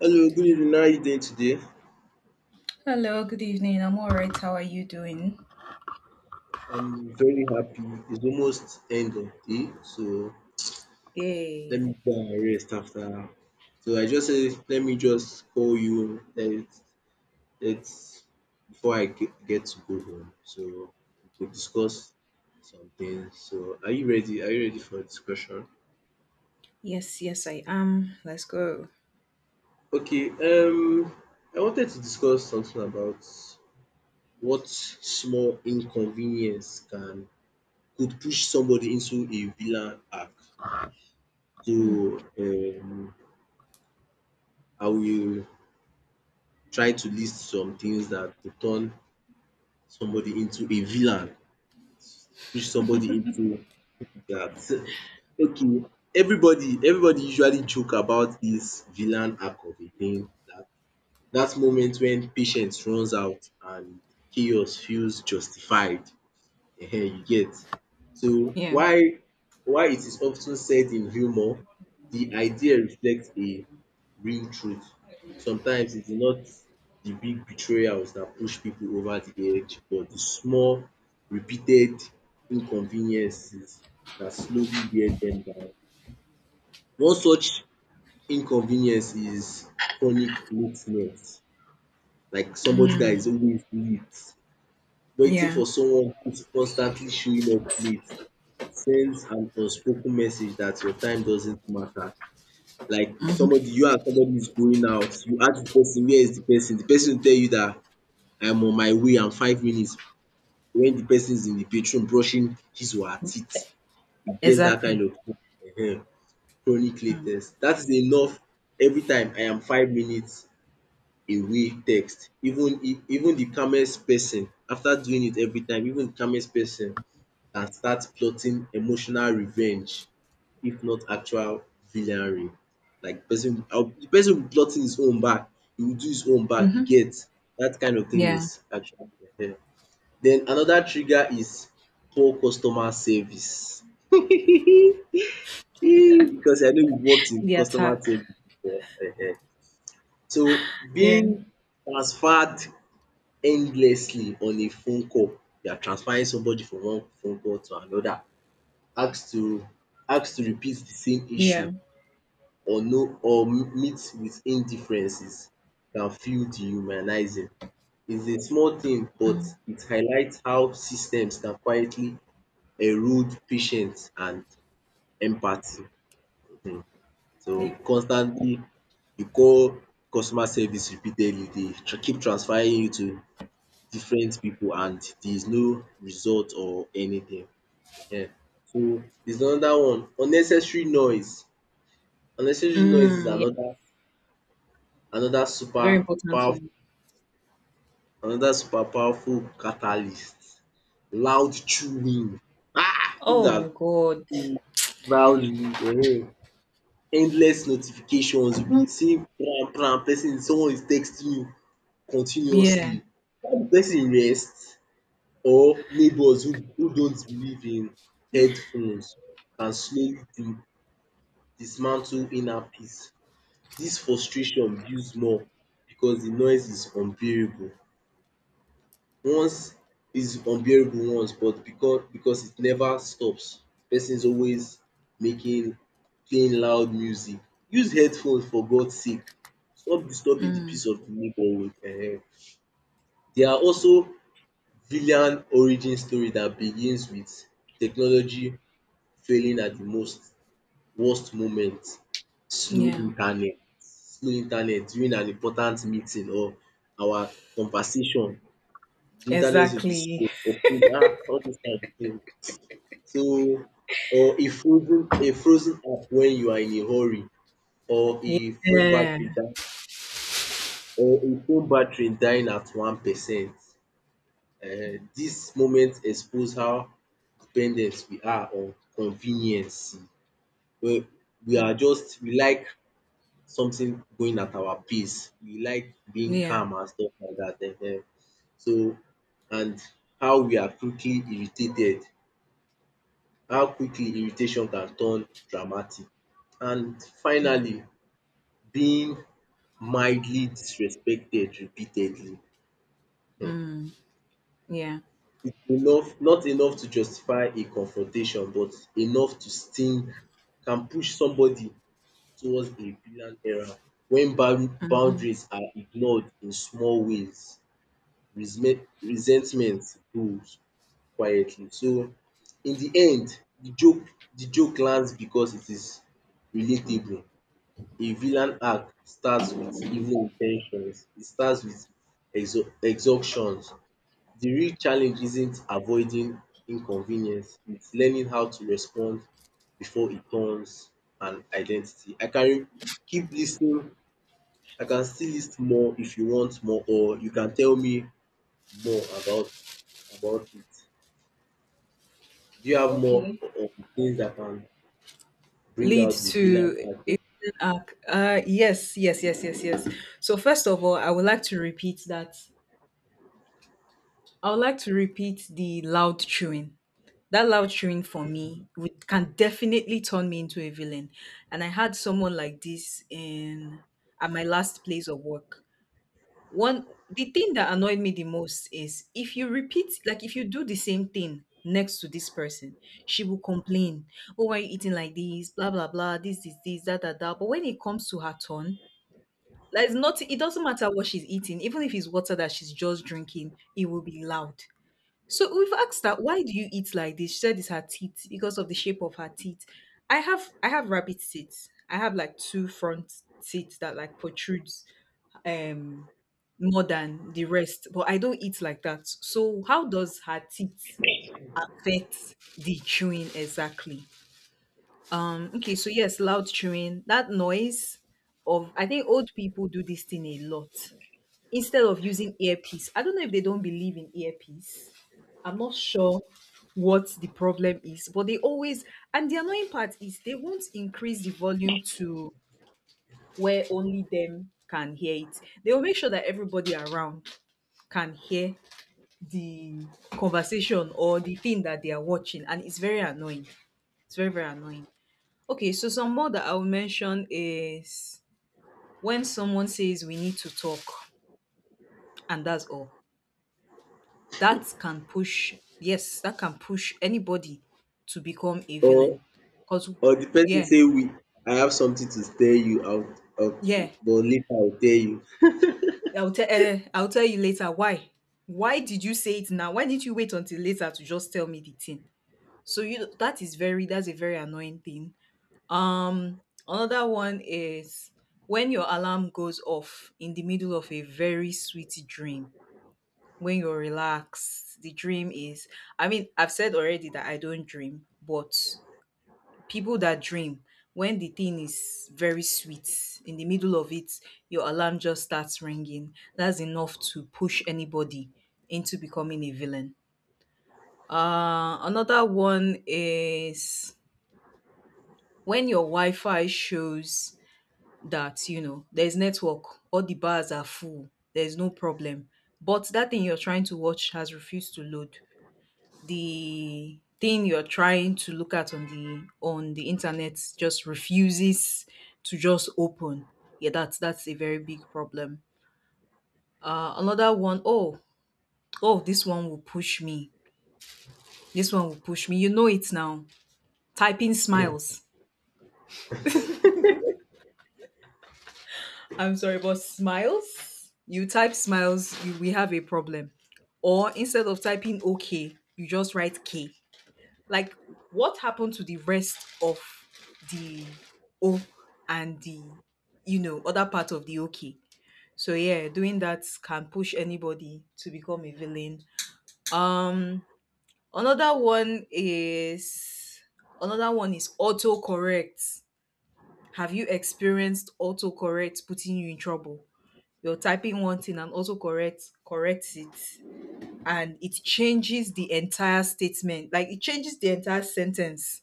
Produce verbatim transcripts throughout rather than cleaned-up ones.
Hello, good evening. How are you doing today? Hello, good evening. I'm all right. How are you doing? I'm very happy. It's almost end of day, so let me Yay. go and rest after. So I just say let me just call you. Let let's before I ge- get to go home, so we could discuss something. So are you ready? Are you ready for discussion? Yes, yes, I am. Let's go. Okay. Um, I wanted to discuss something about what small inconvenience can could push somebody into a villain arc. Hmm. So, um, I will try to list some things that could turn somebody into a villain, push somebody into that. Okay, everybody everybody usually joke about this villain arc of a thing, that that moment when patience runs out and chaos feels justified. Ehen, you get. So Yeah. why, why it is often said in humor, the idea reflects a real truth. Sometimes it is not the big betrayals that push people over the edge, but the small repeated inconveniences that slowly wear them down. One such inconvenience is chronic lateness, like somebody that is Mm. always late. Waiting Yeah. for someone who's constantly showing up late sends an unspoken message that your time doesn't matter. Like Mhm. somebody, you and somebody is going out, you ask the person where is the person, the person will tell you that I'm on my way, I'm five minutes. When the person is in the bathroom brushing his or her teeth, it gets that kind Exactly. of um chronic late Mm. text. That is enough every time I am five minutes away text. Even if even the calmest person, after doing it every time, even the calmest person and start plotting emotional revenge if not actual villainy. Like person uh, the person will be plotting his own back, he will do his own back, you Hmm. get. That kind of thing is Yeah. actually um. Then another trigger is poor customer service. Um because I know you worked in The customer attack. service before um. So Yeah. being transferred endlessly on a phone call, you are transferring somebody from one phone call to another. asked to asked to repeat the same issue Yeah. or no or meet with indifferences can feel dehumanizing. It's a small thing, but Mm. it highlights how systems can quietly erode patience and empathy. um So Yeah. constantly you call customer service repeatedly, they tr- keep transferring you to different people and there is no result or anything. um So there's another one, unnecessary noise. Unnecessary noise is Mm. Yeah. another another Very super important powerful one. another super powerful catalyst. Loud chewing um pipu Oh dat my God. chew loudly um, endless notifications. You be seeing pesin someone is texting you continuously, Yeah. either de pesin rest or neighbours who who don't believe in headphones can slowly de- dismantle inner peace. This frustration builds more because the noise is unbearable. Once is unbearable once, but because because it never stops. Person is always making playing loud music. Use headphones for God's sake. Stop disturbing the Mm. peace of the neighborhood um. There are also villain origin story that begins with technology failing at the most worst moment: slow Yeah. internet slow internet during an important meeting or our conversation, the internet will be Exactly. slow um all dis kain tin. So or a frozen a frozen app wen you are in a hurry, or a phone Yeah. battery die or a phone battery dying at one percent. um Dis moment expose how dependent we are on convenience. We we Mm. are just we like something going at our pace. We like being Yeah. calm and stuff like that. Ehen. So and how we are quickly irritated, how quickly irritation can turn dramatic. And Mm. finally, being mildly disrespected repeatedly. um Mm. Yeah. It's enough not enough to justify a confrontation but enough to sting, can push somebody towards a villain era when bound Hmm. boundaries are ignored in small ways. Resme resentment grows quietly. So in the end the joke the joke lands because it is relatable. A villain arc starts with evil intentions. It starts with exha exhaustions. The real challenge isn't avoiding inconvenience, it's learning how to respond before it turns an identity. I can keep listening. I can still lis more if you want more, or you can tell me more about about it? Do you have more Okay. um, things that can bring Lead out the villain to part, a villain arc. Uh, yes, yes, yes, yes, yes. So first of all, I would like to repeat that. I would like to repeat the loud chewing. That loud chewing for me would, can definitely turn me into a villain. And I had someone like this in at my last place of work. One The thing that annoyed me the most is if you repeat, like if you do the same thing next to this person, she will complain, "Oh, why are you eating like this? Blah blah blah. This is this that that that." But when it comes to her turn, like it's not. It doesn't matter what she's eating, even if it's water that she's just drinking, it will be loud. So we've asked her, "Why do you eat like this?" She said it's her teeth, because of the shape of her teeth. I have I have rabbit teeth. I have like two front teeth that like protrude um more than the rest, but I don't eat like that. So how does her teeth affect the chewing exactly? Um okay, so yes, loud chewing, that noise of, I think old people do this thing a lot. Instead of using earpiece, I don't know if they don't believe in earpiece. I'm not sure what the problem is, but they always, and the annoying part is they won't increase the volume to where only them can hear it. They will make sure that everybody around can hear the conversation or the thing that they are watching, and it's very annoying. It's very, very annoying. Okay, so some more that I will mention is when someone says, "We need to talk," and that's all. That can push, yes, that can push anybody to become a or villain. Because, or the person yeah, say we I have something to tell you out out, yeah, but later I'll tell you. i'll tell uh, I'll tell you later. why why did you say it now? Why didn't you wait until later to just tell me the thing? So you that is very that's a very annoying thing. Um, Another one is when your alarm goes off in the middle of a very sweet dream. When you're relaxed, the dream is. I mean, I've said already that I don't dream, but people that dream, when the thing is very sweet, in the middle of it, your alarm just starts ringing. That's enough to push anybody into becoming a villain. Uh, another one is when your Wi Fi shows that, you know, there's network, all the bars are full, there's no problem. But that thing you're trying to watch has refused to load. The thing you're trying to look at on the on the internet just refuses to just open. Yeah, that's that's a very big problem. Uh another one. Oh, oh, this one will push me. This one will push me. You know it now. Typing smiles. I'm sorry, but smiles. You type smiles, you we have a problem. Or instead of typing okay, you just write K. Like, what happened to the rest of the O and the you know other part of the okay? So yeah, doing that can push anybody to become a villain. Um another one is another one is autocorrect. Have you experienced autocorrect putting you in trouble? You're typing one thing and also correct corrects it, and it changes the entire statement, like it changes the entire sentence.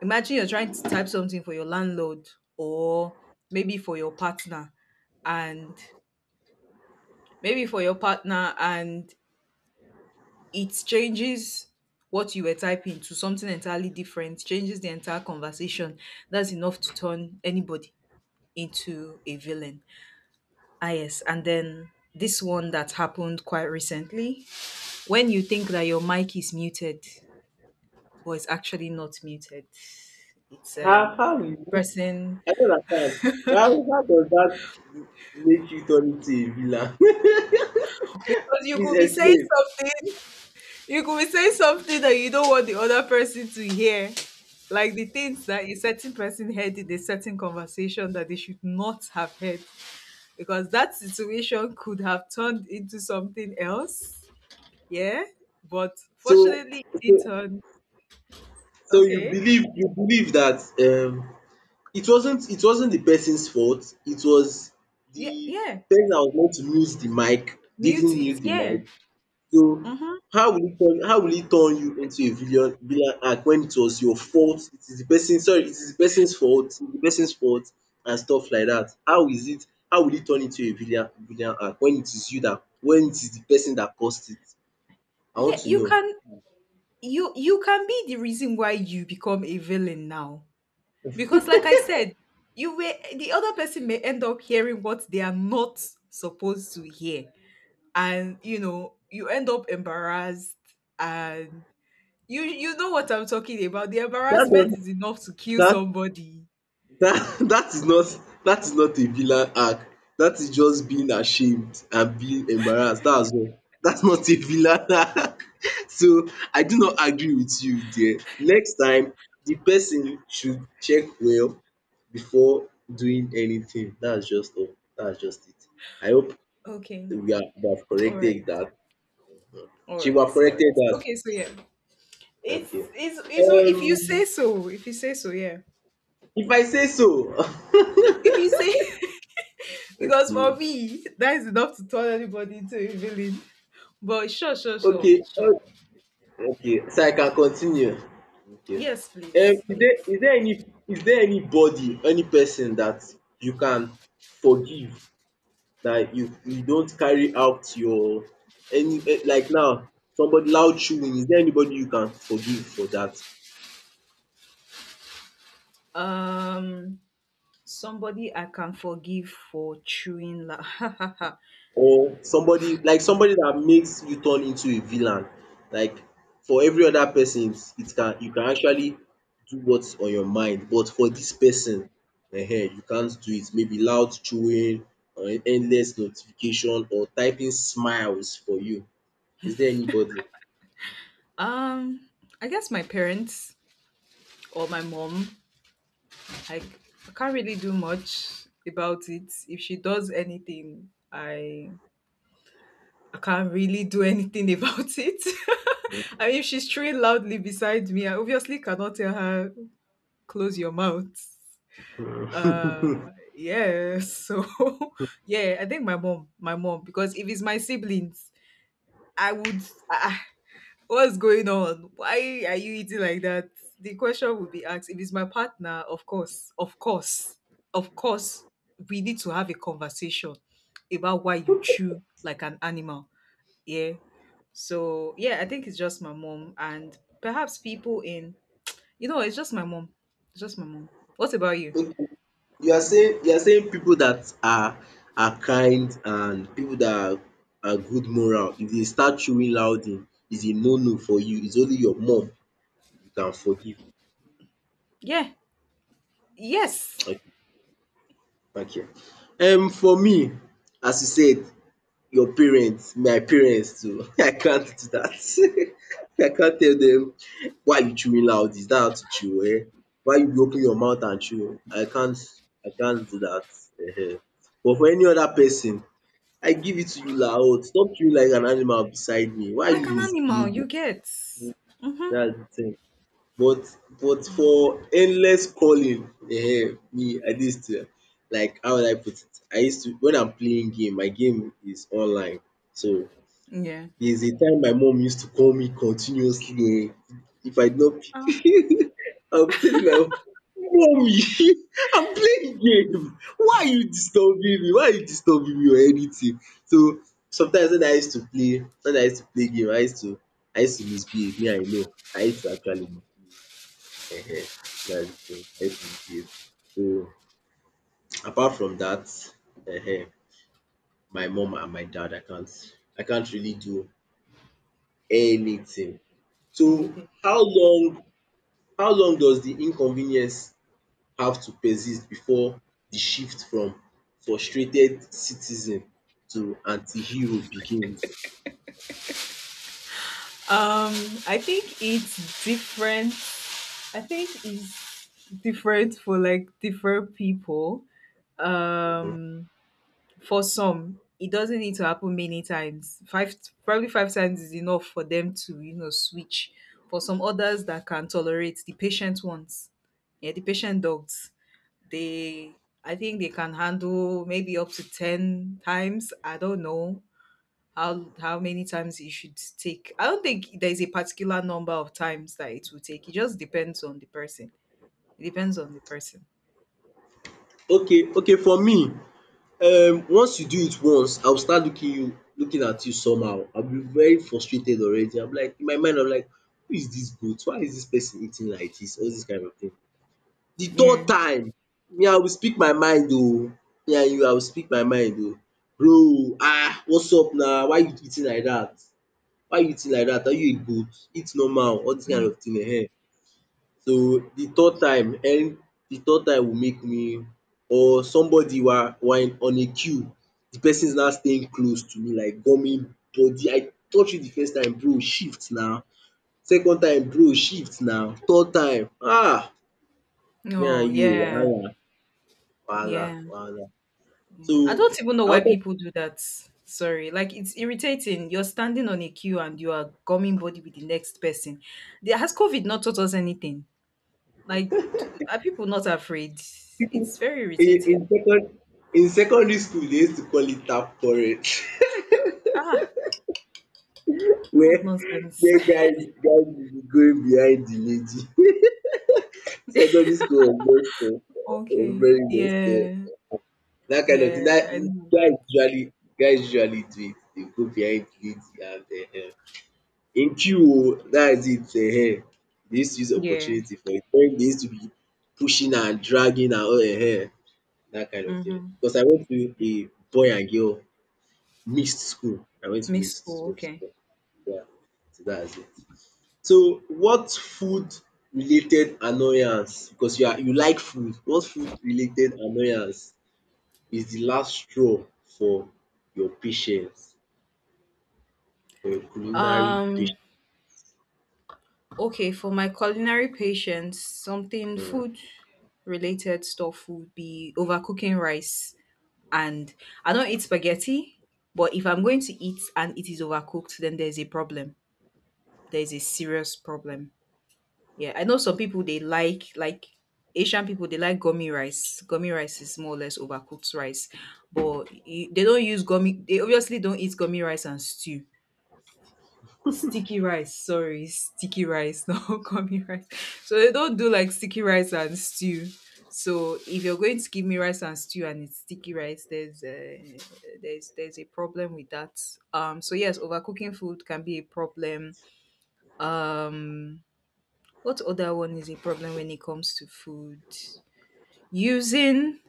Imagine you're trying to type something for your landlord, or maybe for your partner and maybe for your partner, and it changes what you were typing to something entirely different, changes the entire conversation. That's enough to turn anybody into a villain. Ah, yes, and then this one that happened quite recently, when you think that your mic is muted, but it's actually not muted. It's How um, how is the it? person, I don't understand. Why how does that make you turn into a villain? because you Please could be saying explain. something, you could be saying something that you don't want the other person to hear, like the things that a certain person heard in a certain conversation that they should not have heard, because that situation could have turned into something else. Yeah, but So fortunately, it so turned so you okay. believe you believe that um It wasn't it wasn't the person's fault. It was Yeah, the yeah. person that was meant to mute the mic Mute didn't it. mute the Yeah. mic. So Mm-hmm. how will it turn how will it turn you into a villain villain act when it was your fault? It is the person, sorry, it is the person's fault, it's the person's fault and stuff like that. How is it how will it turn into a villain villain act when it is you that when it is the person that caused it? I want Yeah, to you know. can, you you can be the reason why you become a villain now, because, like I said, you were the other person may end up hearing what they are not supposed to hear, and you know you end up embarrassed, and you you know what I'm talking about. The That embarrassment doesn't is enough to kill that somebody. That that is not that is not a villain arc. That is just being ashamed and being embarrassed. That's all. That's not a villain arc. So I do not agree with you there. Next time, the person should check well before doing anything. That's just all. That's just it. I hope Okay, we have, we have all right, corrected that. all She will right, have all right, corrected that. okay. So yeah, it's Okay. it's, it's if you say Um, so, if you say so. Yeah, if I say so. if you say Because for me, that is enough to turn anybody into a villain. But sure, sure, sure, Okay. sure. Okay. Okay, so I can continue? Okay. Yes, Um, please. is there Yes. is there any is there anybody, any person that you can forgive, that you you don't carry out your any eh, like now somebody loud chewing, is there anybody you can forgive for dat? Um, Somebody I can forgive for chewing. La- or somebody like somebody that makes you turn into a villain. Like for every other person, it's- it can you can actually do what's on your mind, but for this person, ehen, you can't do it. Maybe loud chewing or endless notification or typing smiles for you. Is there anybody? um, I guess my parents, or my mom. I, I can't really do much about it. If she does anything, I I can't really do anything about it. I mean, if she's chewing loudly beside me, I obviously cannot tell her, "Close your mouth." Uh yeah. So yeah, I think my mom, my mom, because if it's my siblings, I would, ah, what's going on? Why are you eating like that? The question would be asked. If it's my partner, of course, of course, of course, we need to have a conversation about why you chew like an animal. Yeah. So yeah, I think it's just my mom, and perhaps people in, you know, it's just my mom. It's just my mom. What about you? Okay. You are saying you are saying people that are are kind and people that are are good moral, if they start chewing loudly, is a no no for you. It's only your mum you can forgive. Yeah. Yes. Okay, thank you. Um for me, as you said, your parents, my parents too, I can't do that. I can't tell them, why you chewing loud, is that how to chew, eh? Why you open your mouth and chew? I can't I can't do that um. But for any other person, I give it to you loud. Stop chewing like an animal beside me. Why Like you an animal, you misbehaving? get. Mhm. That's the thing. But but for endless calling, eh, me I dey still like, how would I put it, I used to when I'm playing game, my game is online. So Yeah. there's a time my mom used to call me continuously um if I did not Ah. pick. I am telling my mom, “Mummy, I'm playing game, why are you disturbing me? Why are you disturbing me or anything?” So sometimes when I used to play when I used to play game I used to I used to misbehave, me I know. I used to actually. Ehen, that's true. Help rebuild. So apart from that, ehen, my mom and my dad, I can't I can't really do anything. Let me So think. how long how long does the inconvenience have to persist before the shift from frustrated citizen to anti-hero begins? Um, I think it's different. I think it's different for like different people. Um, for some, it doesn't need to happen many times. Five, probably five times is enough for them to, you know, switch. For some others that can tolerate, the patient ones, yeah, the patient dogs, they, I think they can handle maybe up to ten times. I don't know how how many times it should take. I don't think there is a particular number of times that it will take. It just depends on the person. It depends on the person. Okay, okay for me, um once you do it once, I will start looking you looking at you somehow. I will be very frustrated already. I will be like, in my mind I will be like, who is dis goat? Why is dis person eating like dis? All dis kind of thing. De third Yeah. time, me I will speak my mind oo. Me and you, I will speak my mind oo. Bro um what's up na? Why you eating like dat? Why you eating like dat? Are you a goat? Eat normal. All dis kind Mhm. of thing um. So the third time um the third time will make me, or somebody were were in- on a queue, the person is now staying close to me like gummy body. I touch you the first time, bro shift na, second time, bro shift na, third time um me and Oh, you yeah. wahala wahala Yeah. wahala. So I don't even know I why wanted people do that. Sorry. Like, it's irritating. You're standing on a queue and you are gumming body with the next person. There has COVID not taught us anything? Like, are people not afraid? pipu It's very in in irritating. second in secondary school dey use to call it tap quarrel. Ah, what where nonsense. where guys guys will be going behind the lady. Secondary school was best o, was Okay. very best Yeah. o. Dat kind of thing dat Yeah, I know guys that. usually guys usually do it, dey go behind lead and um in queue o, dats it um. Dey use to use Yeah. opportunity for it wen dey use to be pushing and dragging and all um dat kind of thing. Mm-hmm. Because I went to a boy and girl mixed school, I went to Mixed mixed school, school. So okay. yeah, so dats it. So what food related annoyance, because you are you like food, what food related annoyance is the last straw for your patience, for your culinary Um, patience? okay, for my culinary patients, something food related stuff would be overcooking rice. And I don't eat spaghetti, but if I'm going to eat and it is overcooked, then there's a problem. There's a serious problem. Yeah, I know some people, they like like Asian people, they like gummy rice. Gummy rice is more or less overcooked rice, but e- they don't use gummy. They obviously don't eat gummy rice and stew. Sticky rice, sorry, sticky rice, not gummy rice. So they don't do like sticky rice and stew. So if you're going to give me rice and stew and it's sticky rice, there's a, there's there's a problem with that. Um, so yes, overcooking food can be a problem. Um, what other one is a problem when it comes to food? using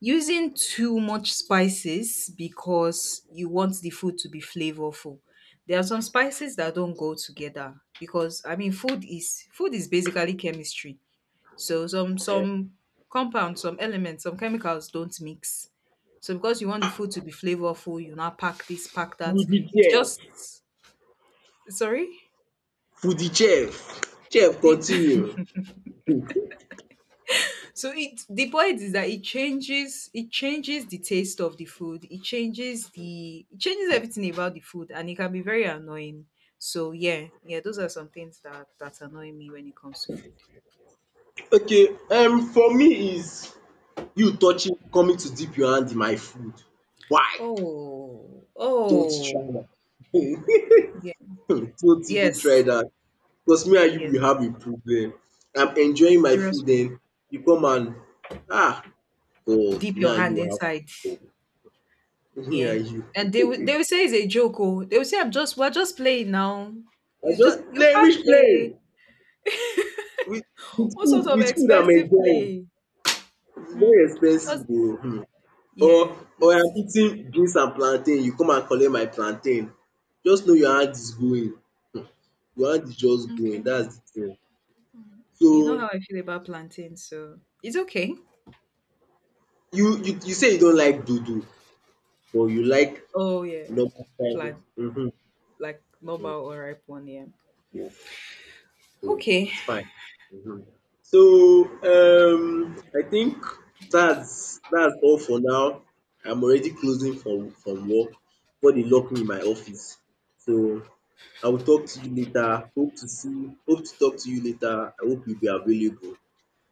using too much spices, because you want the food to be flavorful. There are some spices that don't go together, because, I mean, food is food is basically chemistry. So some um some compounds, some elements, some chemicals don't mix. So because you want the food to be flavorful, you now pack this, pack that. Foodie It's chef, just, sorry, foodie chef, chef it. continue. Hmm. So it the point is that it changes it changes the taste of the food. It changes the it changes everything about the food, and it can be very annoying. So yeah, yeah, those are some things that that annoy me when it comes to food. Okay, um for me is you touching, coming to dip your hand in my food. Why? Oh, Don't try oh, that. yeah, Don't even try yes, that. Because me and you yes, will have a problem. I'm enjoying my serious food one. then, you come and ah God, Dip me your and hand you have inside, me yeah, and and they will you. they will say it's a joke. Oh, they will say, I'm just We're just playing now." I It's just just, you play. can't Which play. play? With with What food sort of with food I'm expensive enjoying. play? It's Hmm? very Just. expensive oo. um or Yeah, or I'm it's eating beans and plantain, you come and collect my plantain. Just know your hand is going, your hand is just going. okay. That's de thing. You know how So I feel about plantain, so it's okay. you you you say you don't like dodo but you like. Oh yeah, No problem. plant Mhm. like normal or ripe one, yeah. Yes, so Okay, it's fine. Mhm. So um, I think that's that's all for now. I'm already closing from from work. Body lock me in my office. So I will talk to you later. Hope to see. Hope to talk to you later. I hope you'll be available.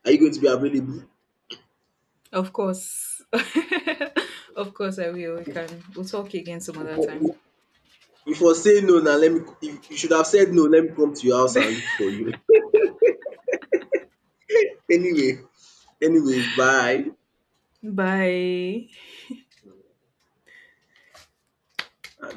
Are you going to be available? of course, of course I will. We can. We'll talk again some You other for you time. you for say no now, let me. You you should have said no. Let me come to your house and look for you. Anyway, anyways, bye. Bye.